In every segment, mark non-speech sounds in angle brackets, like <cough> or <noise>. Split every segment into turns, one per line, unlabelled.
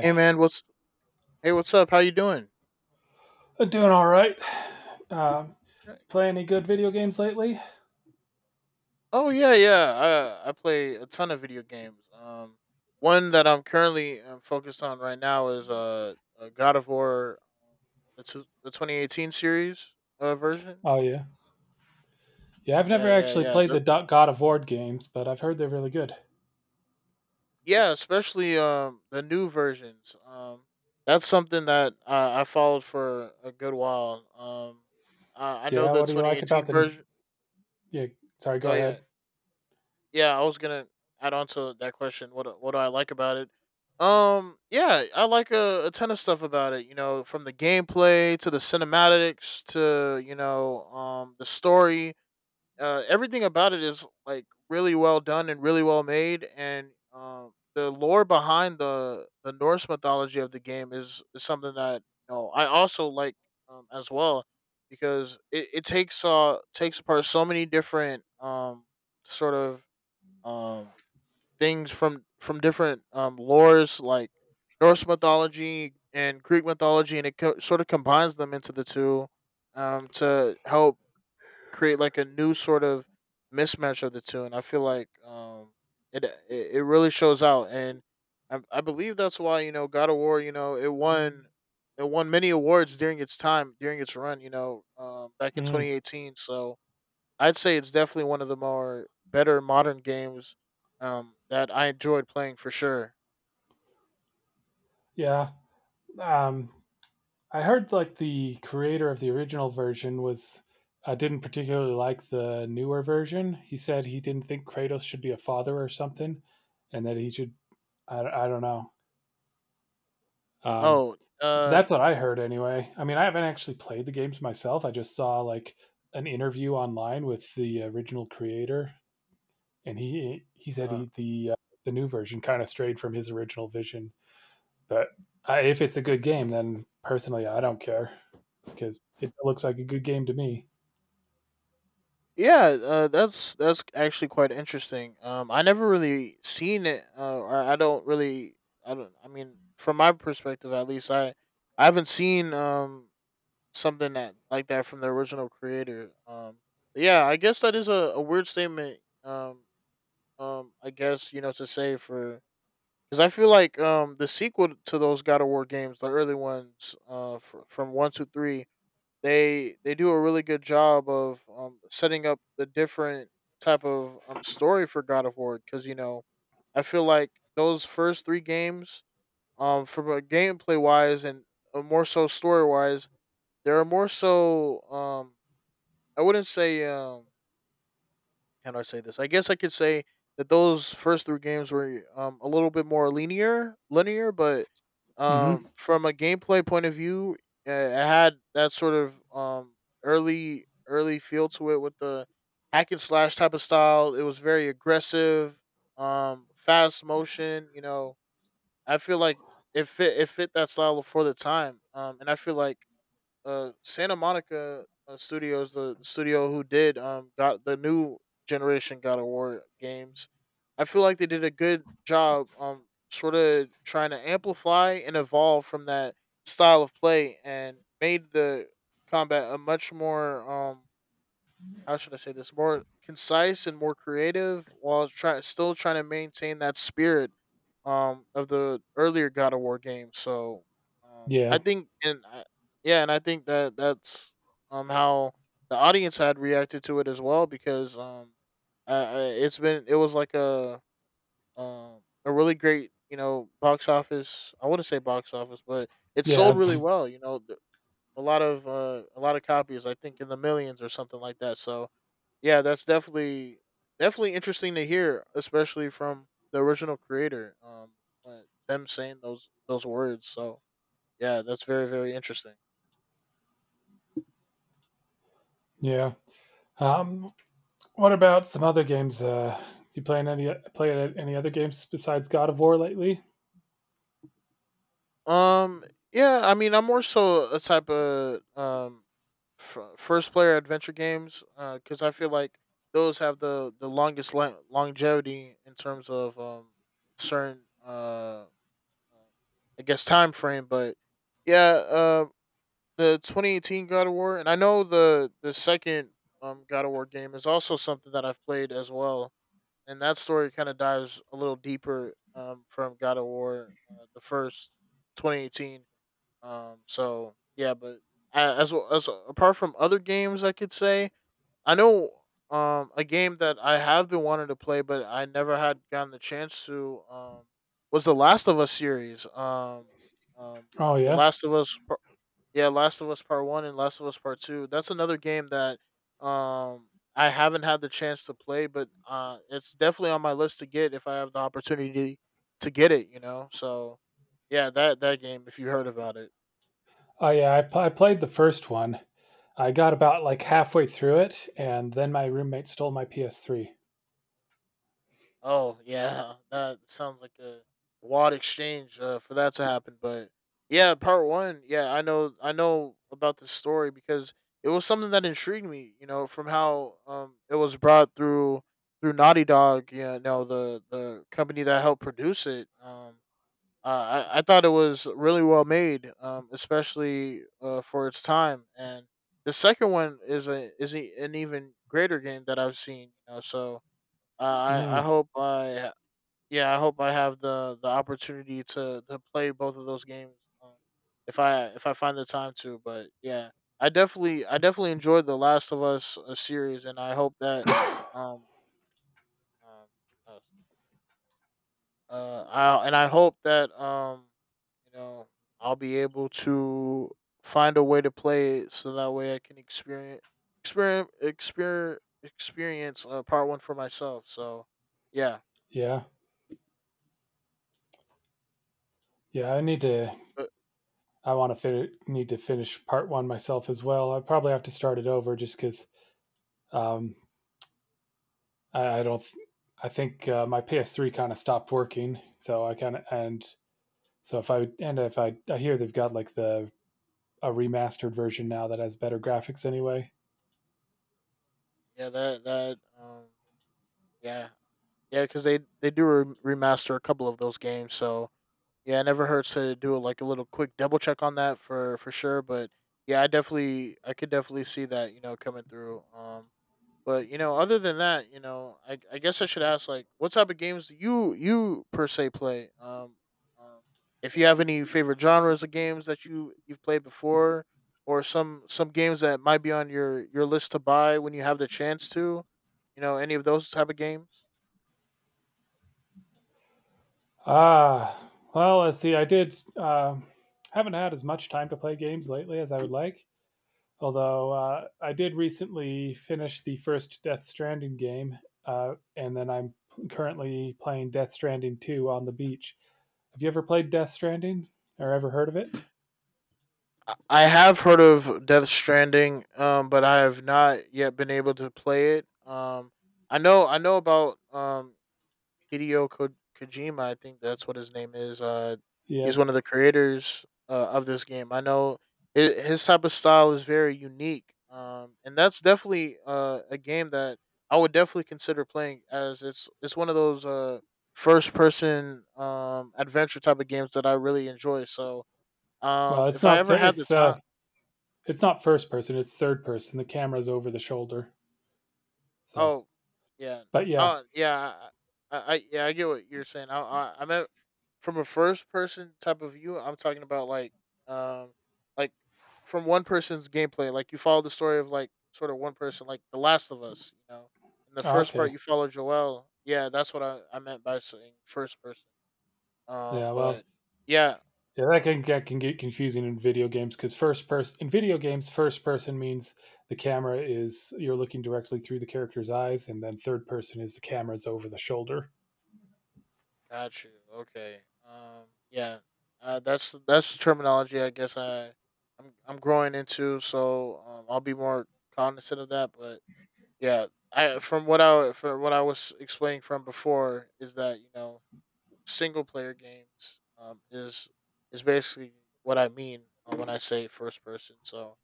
Hey man, what's hey? What's up? How you doing?
I'm doing all right. Uh,
"Yeah,
Play any good video games lately?
Oh yeah. I play a ton of video games. One that I'm currently focused on right now is God of War, the 2018 series version.
Oh, yeah. Yeah, I've never
Yeah, yeah,
actually
yeah.
played the God of War games, but I've heard they're really good.
Especially the new versions. That's something that I followed for a good while. I know
Yeah,
the
what do you like
2018
about the?
version.
Yeah, sorry, go
Oh yeah,
ahead.
Yeah, I was gonna add on to that question. What do I like about it? Yeah, I like a ton of stuff about it. You know, from the gameplay to the cinematics to you know, the story. Everything about it is like really well done and really well made, and the lore behind the Norse mythology of the game is something that you know I also like as well because it takes takes apart so many different sort of um things from different lores like Norse mythology and Greek mythology, and sort of combines them into the two to help create like a new sort of mismatch of the two, and I feel like it it really shows out, and I believe that's why you know God of War, you know, it won. It won many awards during its time, during its run, you know, back in
Hmm.
2018. So, I'd say it's definitely one of the more better modern games that I enjoyed playing for sure.
Yeah. Um, I heard, like, the creator of the original version was. I didn't particularly like the newer version. He said he didn't think Kratos should be a father or something, and that he should. I don't know. Um,
Oh, uh,
That's what I heard anyway. I mean, I haven't actually played the games myself. I just saw like an interview online with the original creator, and he said
uh
he, the new version kind of strayed from his original vision. But if it's a good game, then personally, I don't care because it looks like a good game to me.
yeah, that's actually quite interesting. I never really seen it, or I don't really, I don't. I mean, from my perspective at least, I haven't seen something that like that from the original creator. But yeah, I guess that is a weird statement. I guess you know to say for because I feel like the sequel to those God of War games, the early ones, from one to three, they do a really good job of setting up the different type of story for God of War. Because you know, I feel like those first three games, from a gameplay wise and more so story wise, they are more so I wouldn't say can I say this? I guess I could say that those first three games were a little bit more linear, but
Mm-hmm.
from a gameplay point of view, it had that sort of early feel to it with the hack and slash type of style. It was very aggressive, fast motion. You know, I feel like it fit that style for the time, and I feel like Santa Monica Studios, the studio who did got the new generation God of War games. I feel like they did a good job sort of trying to amplify and evolve from that style of play and made the combat a much more how should I say this, more concise and more creative while try still trying to maintain that spirit of the earlier God of War game. So
Yeah,
I think and I, yeah, and I think that that's how the audience had reacted to it as well because I it was like a really great you know box office I wouldn't say box office, but it
yeah,
sold really
it's
well you know a lot of copies I think in the millions or something like that. So yeah, that's definitely interesting to hear, especially from the original creator. But them saying those words. So yeah, that's very, very interesting.
yeah. Um, what about some other games? You playing any play any other games besides God of War lately?
Um, yeah, I mean, I'm more so a type of first player adventure games. Because I feel like those have the longest longevity in terms of certain uh, I guess time frame. But. Yeah, the 2018 God of War, and I know the second God of War game is also something that I've played as well, and that story kind of dives a little deeper from God of War, the first 2018. So yeah, but as well as apart from other games, I could say I know a game that I have been wanting to play, but I never had gotten the chance to was the Last of Us series. Um,
Oh
the
yeah,
Last of Us Yeah, Last of Us Part One and Last of Us Part Two. That's another game that um I haven't had the chance to play, but it's definitely on my list to get if I have the opportunity to get it, you know. So yeah, that that game, if you heard about it.
oh yeah. I played the first one, I got about like halfway through it, and then my roommate stole my PS3.
Oh yeah, <laughs> that sounds like a wad exchange for that to happen. But yeah, part one. Yeah, I know. I know about this story because it was something that intrigued me. You know, from how it was brought through Naughty Dog. Yeah, no, the company that helped produce it. I thought it was really well made. Especially for its time. And the second one is a, an even greater game that I've seen. You know, so. I
Mm,
hope I Yeah, I hope I have the opportunity to play both of those games, um, if I find the time to. But yeah, I definitely enjoyed the Last of Us series, and I hope that um, um uh I hope that you know I'll be able to find a way to play it so that way I can experience part one for myself. So yeah,
yeah, yeah. I need to.
but
I want to need to finish part one myself as well. I probably have to start it over just because um, I don't. I think my PS3 kind of stopped working, so I kind of and so if I hear they've got like the a remastered version now that has better graphics anyway.
yeah that that yeah yeah, because they do remaster a couple of those games. So yeah, it never hurts to do like a little quick double check on that for sure. But yeah, I could definitely see that you know coming through. But you know, other than that, you know, I guess I should ask, like, what type of games do you per se play? Um if you have any favorite genres of games that you've played before, or some games that might be on your list to buy when you have the chance to, you know, any of those type of games.
Ah, well, let's see. I did Haven't had as much time to play games lately as I would like. Although I did recently finish the first Death Stranding game, and then I'm currently playing Death Stranding 2 on the beach. Have you ever played Death Stranding or ever heard of it?
I have heard of Death Stranding, but I have not yet been able to play it. I know about Hideo Ko- Kojima. I think that's what his name is.
Yeah.
He's one of the creators of this game. I know his type of style is very unique. And that's definitely a game that I would definitely consider playing as it's one of those first person adventure type of games that I really enjoy. So
Well, it's
if I
not
ever
th-
had the time.
it's not first person, it's third person. The camera's over the shoulder. So,
Oh, yeah.
but yeah.
Oh, yeah. I yeah, I get what you're saying. I'm at from a first person type of view. I'm talking about like, um, like from one person's gameplay. Like you follow the story of like sort of one person, like The Last of Us. You know, in the
Ah,
first part
okay.
you follow Joel. Yeah, that's what I meant by saying first person. Um,
Yeah,
but
well,
yeah,
Yeah, that can get confusing in video games because first person in video first person means the camera is you're looking directly through the character's eyes, and then third person is the camera's over the shoulder.
Got you. Okay. Um. Yeah. That's the terminology I guess I'm growing into. So I'll be more cognizant of that. But yeah, I from what I from what I was explaining from before is that you know single player games is basically what I mean, when I say first person. So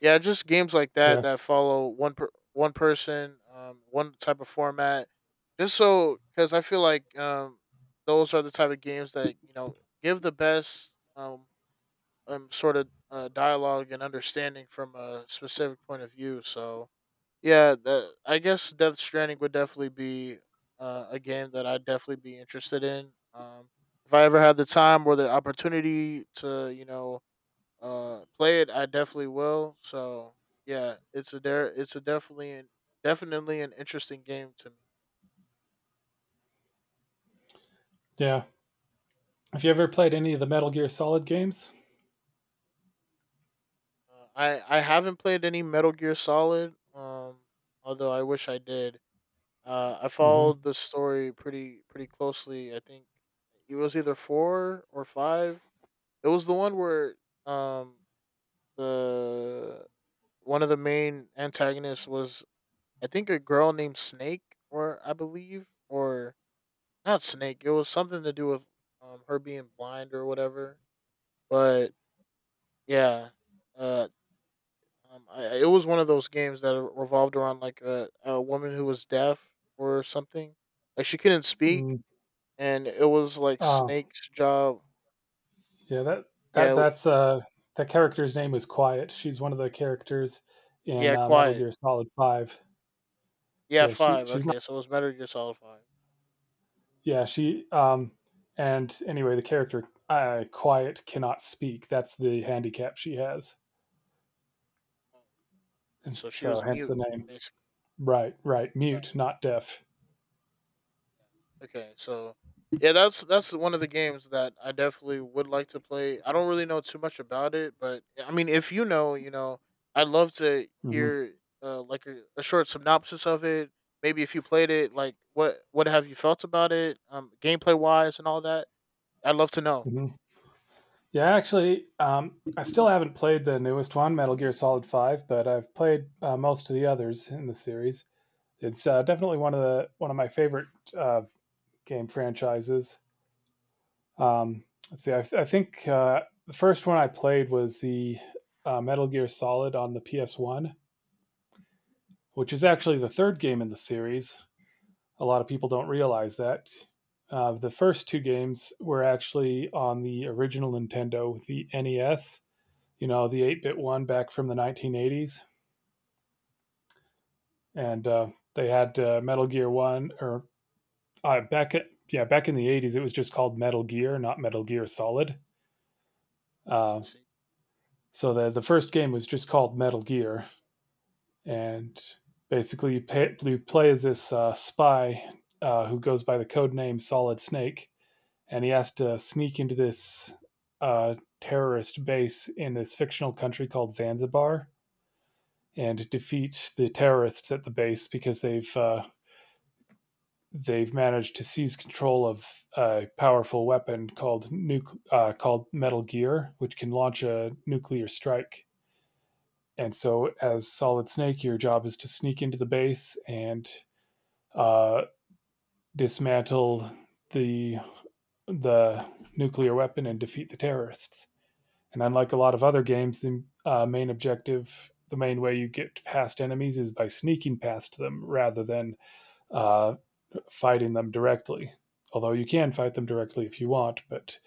yeah, just games like that
Yeah,
that follow one person, one type of format. Just so, because I feel like those are the type of games that you know give the best sort of dialogue and understanding from a specific point of view. So yeah, that I guess Death Stranding would definitely be a game that I'd definitely be interested in. If I ever had the time or the opportunity to, play it, I definitely will. So yeah, it's a there it's a definitely an interesting game to me.
yeah. Have you ever played any of the Metal Gear Solid games?
I haven't played any Metal Gear Solid, although I wish I did. I
Mm-hmm.
followed the story pretty closely. I think it was either four or five. It was the one where um the one of the main antagonists was, I think, a girl named Snake, or I believe, or not Snake. It was something to do with her being blind or whatever. But yeah, uh, it was one of those games that revolved around like a woman who was deaf or something. Like she couldn't speak,
Mm,
and it was like
oh,
Snake's job.
yeah.
Yeah, w-
That's that character's name is Quiet. She's one of the characters in
Yeah,
Metal
quiet.
Gear Solid Five.
Yeah,
Yeah, she
five.
she's
Okay, so it was Metal Gear Solid Five.
yeah she. And anyway, the character quiet cannot speak, that's the handicap she has.
Uh,
And
So she
so
was
hence
mute,
the name.
basically.
Right, right,
uh,
mute not deaf.
Yeah. Okay, so yeah, that's one of the games that I definitely would like to play. I don't really know too much about it, but I mean, if you know, you know, I'd love to
Hmm.
hear like a short synopsis of it. Maybe if you played it, like what have you felt about it, gameplay wise and all that. I'd love to know.
Hmm. Yeah, actually, I still haven't played the newest one, Metal Gear Solid 5, but I've played most of the others in the series. It's definitely one of my favorite uh, game franchises. Um, let's see. I think the first one I played was the Metal Gear Solid on the PS1, which is actually the third game in the series. A lot of people don't realize that. The first two games were actually on the original Nintendo, the NES, you know, the 8 bit one back from the 1980s. And they
Okay.
had Metal Gear 1, or uh, back at, yeah, back in the 80s, it was just called Metal Gear, not Metal Gear Solid. Uh,
See.
so the first game was just called Metal Gear. And basically, you play as this spy who goes by the code name Solid Snake, and he has to sneak into this uh, terrorist base in this fictional country called Zanzibar, and defeat the terrorists at the base because they've managed to seize control of a powerful weapon called called Metal Gear, which can launch a nuclear strike. And so, as Solid Snake, your job is to sneak into the base and uh, dismantle the the nuclear weapon and defeat the terrorists. And unlike a lot of other games, the main objective, the main way you get past enemies is by sneaking past them rather than uh, fighting them directly. Although you can fight them directly if you want, but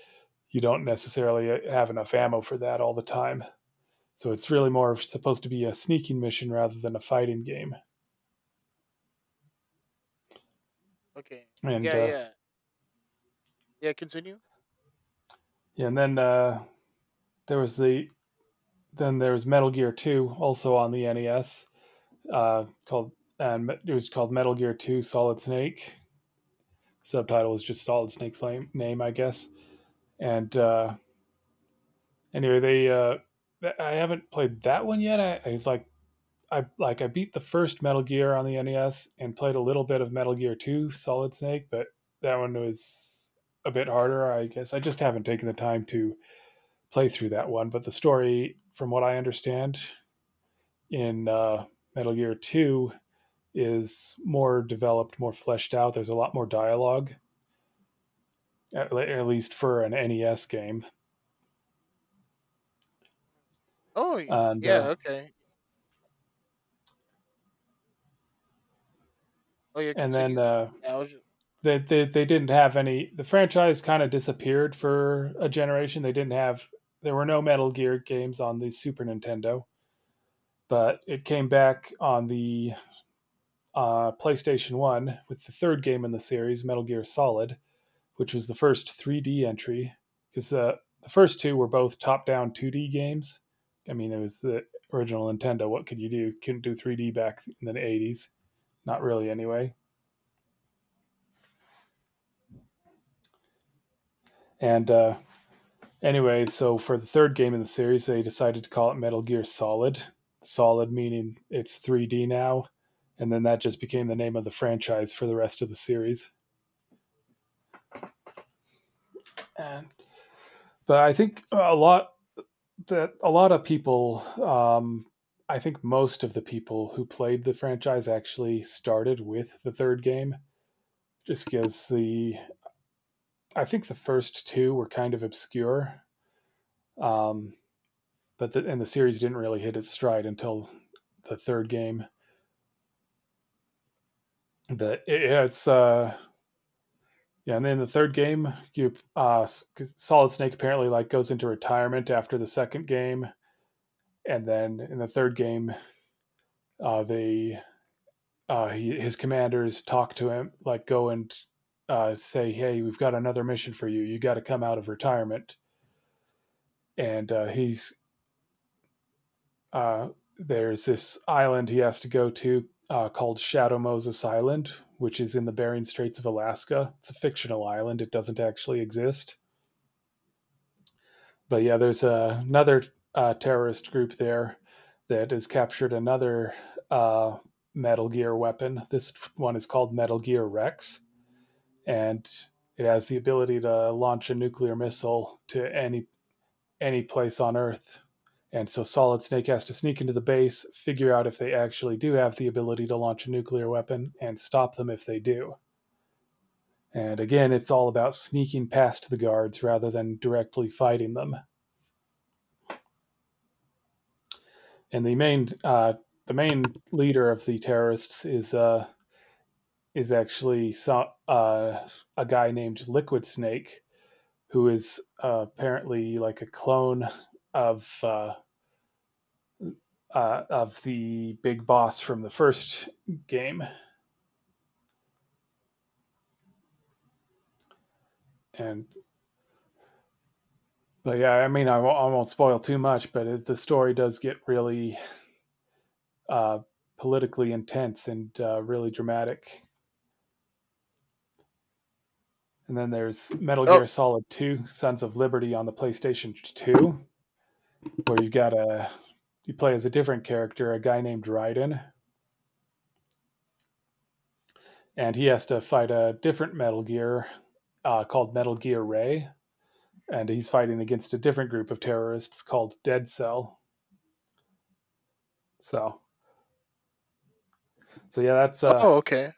you don't necessarily have enough ammo for that all the time. So it's really more supposed to be a sneaking mission rather than a fighting game.
Okay.
And
Yeah. Yeah. Yeah. Continue.
yeah, and then There was then there was Metal Gear Two, also on the NES, called and it was called Metal Gear Two Solid Snake, subtitle is just Solid Snake's name, I guess. And anyway, they I haven't played that one yet. I I beat the first Metal Gear on the NES and played a little bit of Metal Gear Two Solid Snake, but that one was a bit harder, I guess. I just haven't taken the time to play through that one. But the story, from what I understand, in Metal Gear Two, is more developed, more fleshed out. There's a lot more dialogue, at least for an NES game.
Oh.
And
Yeah.
uh,
Okay. Oh yeah.
and then
Continue. Yeah. I was. Just,
They, they didn't have any. The franchise kind of disappeared for a generation. They didn't have. There were no Metal Gear games on the Super Nintendo, but it came back on the PlayStation One with the third game in the series, Metal Gear Solid, which was the first 3D entry because the first two were both top-down 2D games. I mean, it was the original Nintendo. What could you do? Couldn't do 3D back in the 80s. Not really, anyway. And Anyway, so for the third game in the series, they decided to call it Metal Gear Solid. Solid meaning it's 3D now, and then that just became the name of the franchise for the rest of the series. And but I think a lot of people, I think most of the people who played the franchise actually started with the third game, just because the I think the first two were kind of obscure, um, and the series didn't really hit its stride until the third game. But it- yeah, it's yeah, And then the third game, you Solid Snake apparently like goes into retirement after the second game, and then in the third game, they he, his commanders talk to him, like go and say, "Hey, we've got another mission for you. You got to come out of retirement." And he's uh there's this island he has to go to, called Shadow Moses Island, which is in the Bering Straits of Alaska. It's a fictional island. It doesn't actually exist, but yeah, there's another terrorist group there that has captured another uh, Metal Gear weapon. This one is called Metal Gear Rex, and it has the ability to launch a nuclear missile to any place on Earth. And so Solid Snake has to sneak into the base, figure out if they actually do have the ability to launch a nuclear weapon, and stop them if they do. And again, it's all about sneaking past the guards rather than directly fighting them. And the main leader of the terrorists is is actually so, uh, a guy named Liquid Snake, who is apparently like a clone of uh, of the big boss from the first game. And but Yeah, I mean, I won't spoil too much, but the story does get really uh, politically intense and really dramatic. And then there's Metal Gear
oh.
Solid 2, Sons of Liberty, on the PlayStation 2, where you've got a you play as a different character, a guy named Raiden, and he has to fight a different Metal Gear, called Metal Gear Ray, and he's fighting against a different group of terrorists called Dead Cell. So, so yeah, that's uh,
Oh. Okay.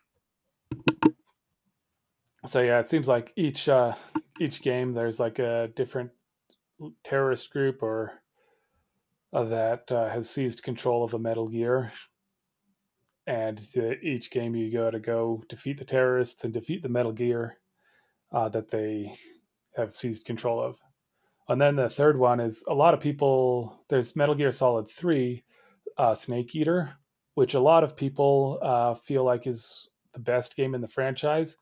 so yeah, it seems like each game there's like a different terrorist group or that has seized control of a Metal Gear, and each game you go defeat the terrorists and defeat the Metal Gear that they have seized control of. And then the third one is a lot of people. There's Metal Gear Solid Three, Snake Eater, which a lot of people feel like is the best game in the franchise.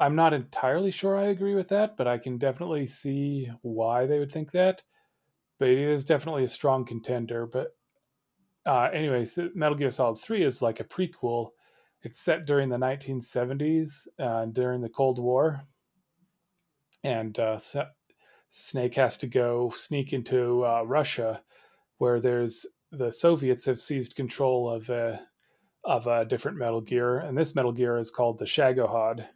I'm not entirely sure I agree with that, but I can definitely see why they would think that. But it is definitely a strong contender. But Anyways, Metal Gear Solid Three is like a prequel. It's set during the 1970s during the Cold War, and Snake has to go sneak into Russia where the Soviets have seized control of a different Metal Gear, and this Metal Gear is called the Shagohod.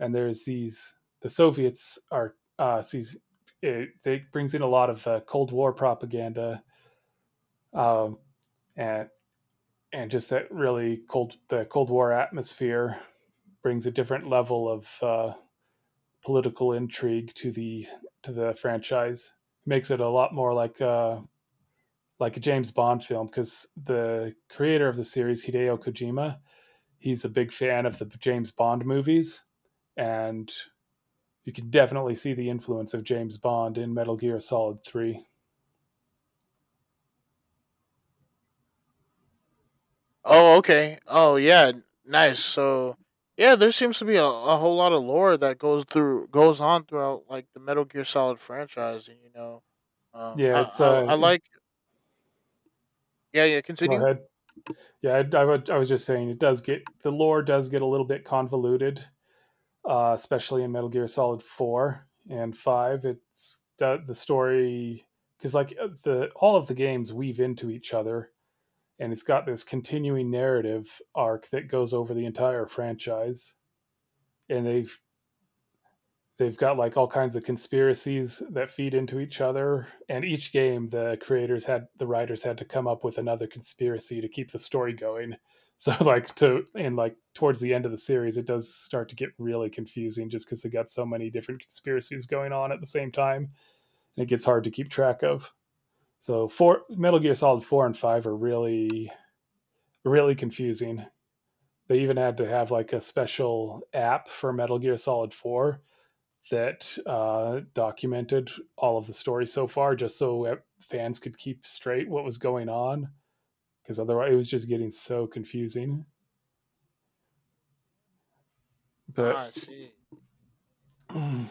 And the Soviets are it brings in a lot of Cold War propaganda, um, and and just that really cold the Cold War atmosphere brings a different level of political intrigue to the franchise. Makes it a lot more like a James Bond film, because the creator of the series, Hideo Kojima, he's a big fan of the James Bond movies, and you can definitely see the influence of James Bond in Metal Gear Solid Three.
Oh, okay. Oh, yeah. Nice. So, yeah, there seems to be a whole lot of lore that goes on throughout like the Metal Gear Solid franchise, and you know,
Yeah,
I like yeah, yeah,
go
continue.
ahead. Yeah, I was just saying it does get the lore does get a little bit convoluted, especially in Metal Gear Solid Four and Five. It's the story because like the all of the games weave into each other, and it's got this continuing narrative arc that goes over the entire franchise, and they've got like all kinds of conspiracies that feed into each other, and each game the writers had to come up with another conspiracy to keep the story going. <laughs> so like to and like towards the end of the series, it does start to get really confusing just because they got so many different conspiracies going on at the same time, and it gets hard to keep track of. So four metal gear solid 4 and 5 are really confusing. They even had to have like a special app for Metal Gear Solid 4 that documented all of the story so far, just so fans could keep straight what was going on. Because otherwise, it was just getting so confusing.
Ah,
But
I see.
<clears throat> yeah,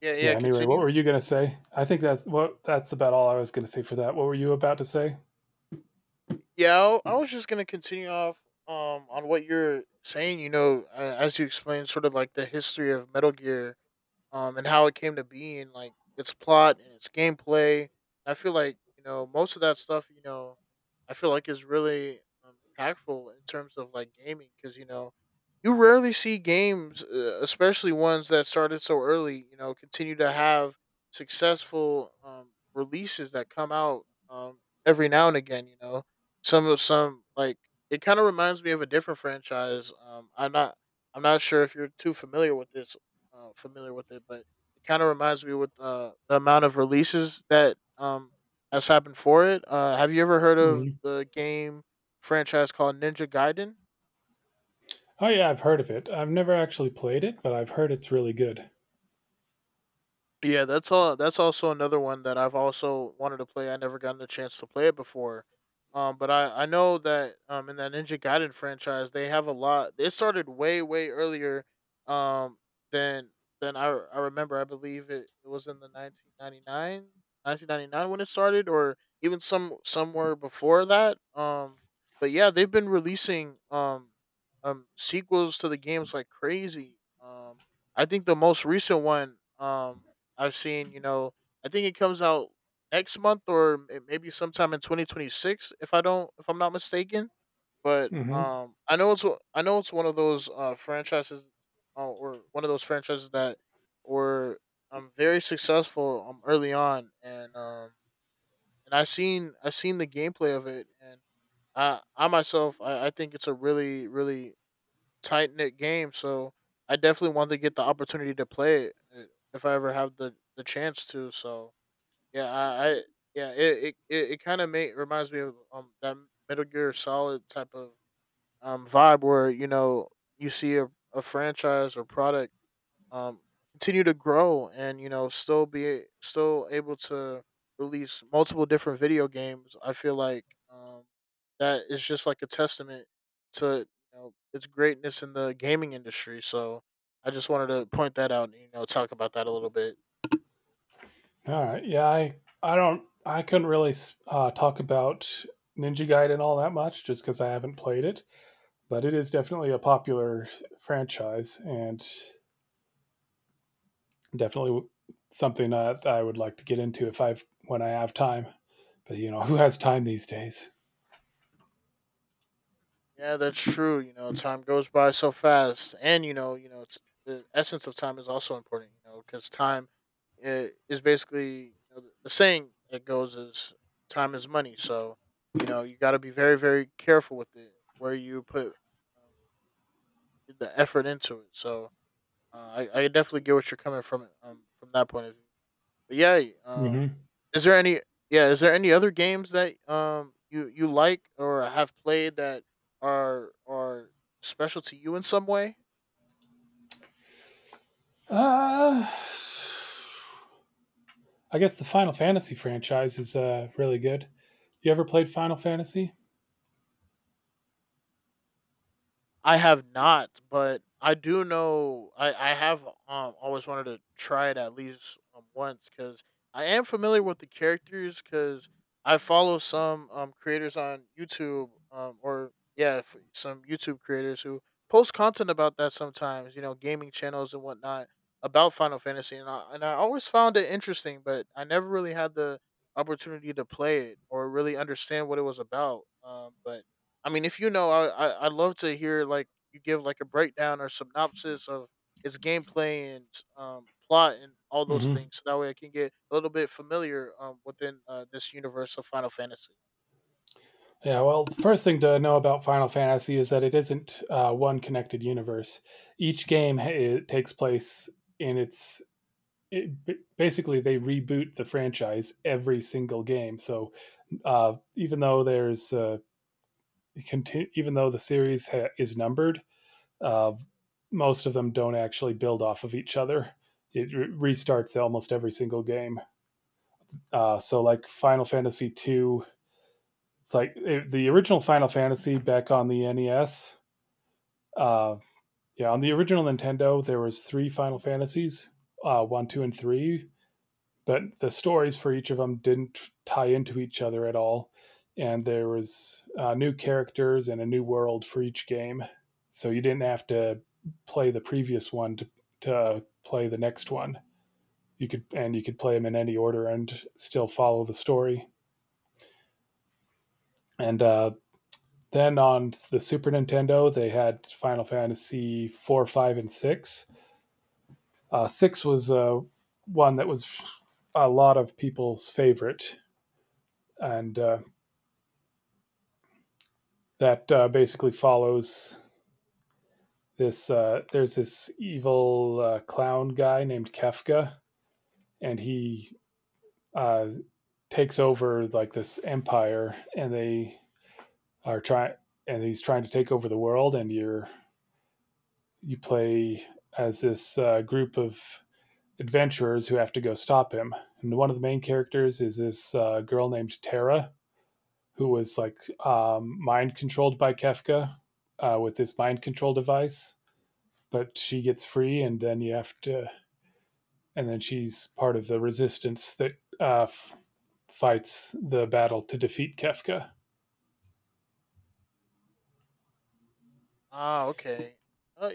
Yeah, yeah,
anyway, what were
continue.
you gonna say? I think that's about all I was gonna say for that. What were you about to say?
Yeah, I was just gonna continue off on what you're saying. You know, as you explained, sort of like the history of Metal Gear, and how it came to be, and like its plot and its gameplay. I feel like you know most of that stuff. You know, I feel like is really impactful in terms of like gaming, because you know you rarely see games, especially ones that started so early, you know, continue to have successful releases that come out every now and again. You know, some of some like it kind of reminds me of a different franchise. I'm not sure if you're too familiar with this familiar with it, but it kind of reminds me with the amount of releases that has happened for it. Have you ever heard of
Mhm.
the game franchise called Ninja Gaiden?
Oh yeah, I've heard of it. I've never actually played it, but I've heard it's really good.
Yeah, that's all. That's also another one that I've also wanted to play. I never gotten the chance to play it before, but I know that in that Ninja Gaiden franchise they have a lot. It started way earlier, um than than I remember. I believe it was in the 1999 when it started, or even somewhere before that. But yeah, they've been releasing sequels to the games like crazy. I think the most recent one I've seen, you know, I think it comes out next month or maybe sometime in 2026 if I don't, if I'm not mistaken. But
Hmm.
I know it's I know it's one of those franchises, or one of those franchises that were very successful early on. And and I seen the gameplay of it, and I myself I think it's a really tight knit game. So I definitely want to get the opportunity to play it, if I ever have the chance to. So yeah, I it kind of may reminds me of that Metal Gear Solid type of vibe, where you know you see a franchise or product um, continue to grow, and you know still able to release multiple different video games. I feel like um, that is just like a testament to, you know, its greatness in the gaming industry. So I just wanted to point that out and you know talk about that a little bit.
All right. Yeah, I couldn't really talk about Ninja Gaiden all that much just because I haven't played it, but it is definitely a popular franchise, and definitely something that I would like to get into if I've when I have time. But you know, <laughs> who has time these days?
Yeah, that's true. You know, time goes by so fast, and the essence of time is also important. You know, because time is basically, you know, the saying that goes is time is money. So you know, you got to be very, very careful with it, where you put uh, the effort into it. So I definitely get what you're coming from, from that point of view. But yeah, um,
Hmm.
is there any yeah, is there any other games that you you like or have played that are special to you in some way?
Uh, I guess the Final Fantasy franchise is really good. You ever played Final Fantasy?
I have not, but I do know I have always wanted to try it at least once, because I am familiar with the characters because I follow some creators on YouTube , or yeah, some YouTube creators who post content about that sometimes, you know, gaming channels and whatnot, about Final Fantasy. And and I always found it interesting, but I never really had the opportunity to play it or really understand what it was about. But I mean, if you know, I I'd love to hear like you give like a breakdown or synopsis of its gameplay and plot and all those
Hmm.
things, so that way I can get a little bit familiar within this universe of Final Fantasy.
Yeah, well, the first thing to know about Final Fantasy is that it isn't one connected universe. Each game ha- it takes place in its. Basically, they reboot the franchise every single game. So even though even though the series is numbered, uh, most of them don't actually build off of each other. It restarts almost every single game. So like Final Fantasy two, it's like the original Final Fantasy back on the NES. Uh, yeah, on the original Nintendo, there was three Final Fantasies, one, two, and three, but the stories for each of them didn't tie into each other at all, and there was new characters and a new world for each game, so you didn't have to play the previous one to play the next one. You could play them in any order and still follow the story. And then on the Super Nintendo, they had Final Fantasy four, five, and six. Six was one that was a lot of people's favorite, and that basically follows this. There's this evil clown guy named Kefka, and he uh, takes over like this empire, and are trying, he's trying to take over the world. And you play as this group of adventurers who have to go stop him. And one of the main characters is this girl named Tara, who was like mind controlled by Kefka with this mind control device. But she gets free, and then you have to, and then she's part of the resistance that uh, f- fights the battle to defeat Kefka.
Ah, okay. Uh,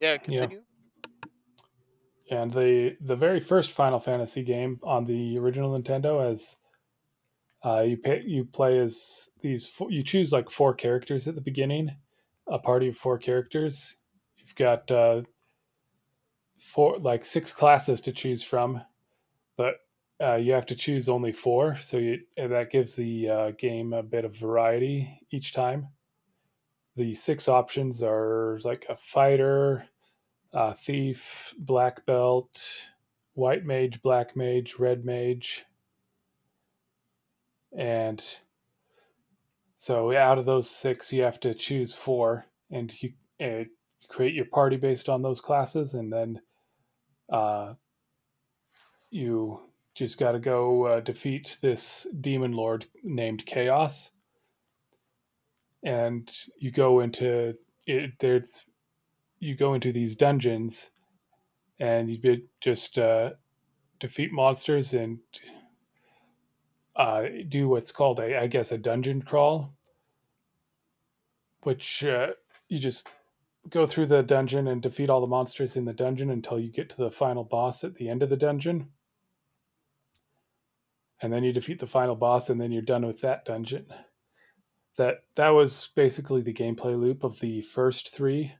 yeah,
Yeah,
continue.
and the very first Final Fantasy game on the original Nintendo, you play as these four. You choose like four characters at the beginning, a party of four characters. You've got four like six classes to choose from, but you have to choose only four. That gives the game a bit of variety each time. The six options are like a fighter, thief, black belt, white mage, black mage, red mage, and so out of those six, you have to choose four, and you uh, create your party based on those classes, and then uh, you just got to go defeat this demon lord named Chaos. And you go into it, there's you go into these dungeons and you just defeat monsters and do what's called a, I guess, a dungeon crawl, which you just go through the dungeon and defeat all the monsters in the dungeon until you get to the final boss at the end of the dungeon, and then you defeat the final boss, and then you're done with that dungeon. That was basically the gameplay loop of the first three.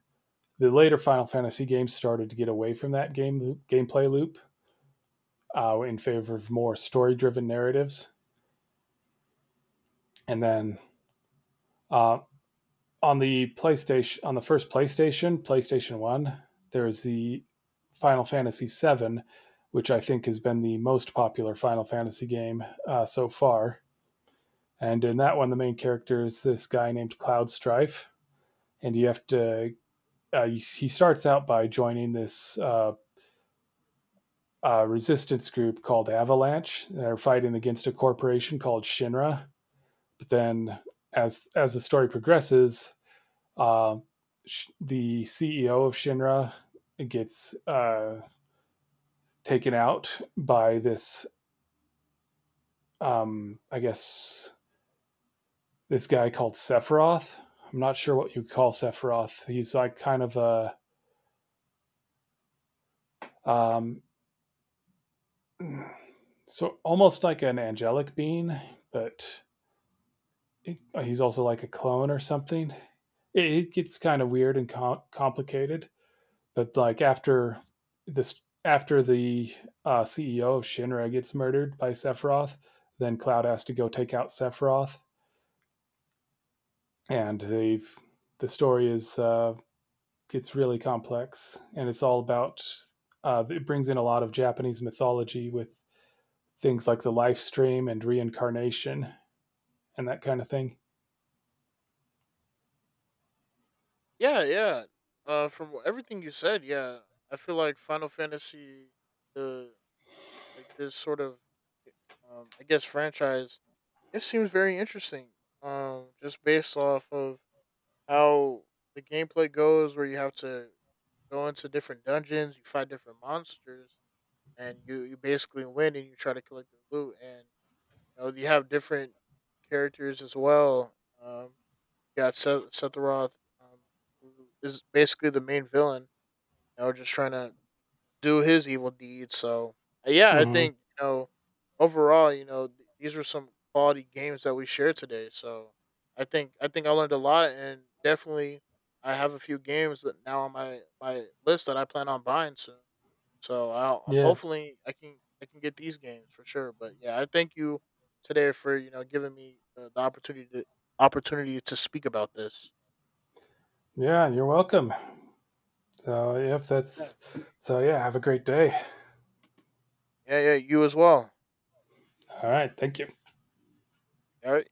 The later Final Fantasy games started to get away from that gameplay loop in favor of more story-driven narratives. And then uh, on the PlayStation, on the first PlayStation, PlayStation One, there is the Final Fantasy VII, which I think has been the most popular Final Fantasy game so far. And in that one, the main character is this guy named Cloud Strife, and you have to. He starts out by joining this resistance group called Avalanche. They're fighting against a corporation called Shinra. But then, as the story progresses, uh, the CEO of Shinra gets taken out by um, I guess, this guy called Sephiroth. I'm not sure what you call Sephiroth. He's like kind of a, um, almost like an angelic being, but he's also like a clone or something. It gets kind of weird and complicated. But like after the CEO of Shinra gets murdered by Sephiroth, then Cloud has to go take out Sephiroth, and the story is gets really complex, and it's all about it brings in a lot of Japanese mythology with things like the life stream and reincarnation and that kind of thing.
Yeah, yeah. From everything you said, yeah, I feel like Final Fantasy, the like this sort of, I guess, franchise, it seems very interesting. Just based off of how the gameplay goes, where you have to go into different dungeons, you fight different monsters, and you basically win and you try to collect the loot. And you know you have different characters as well. Um, you got Seth Roth, who is basically the main villain. You know, just trying to do his evil deeds. So yeah, I
Mm-hmm.
think you know overall, you know these were some quality games that we shared today. So I think I learned a lot, and definitely I have a few games that now on my list that I plan on buying soon. So I'll, I'm
Yeah,
hopefully I can get these games for sure. But yeah, I thank you today for you know giving me the opportunity to speak about this.
yeah, you're welcome. So, if
Yeah,
that's so, yeah, have a great day.
yeah. You as well.
All right, thank you.
All right.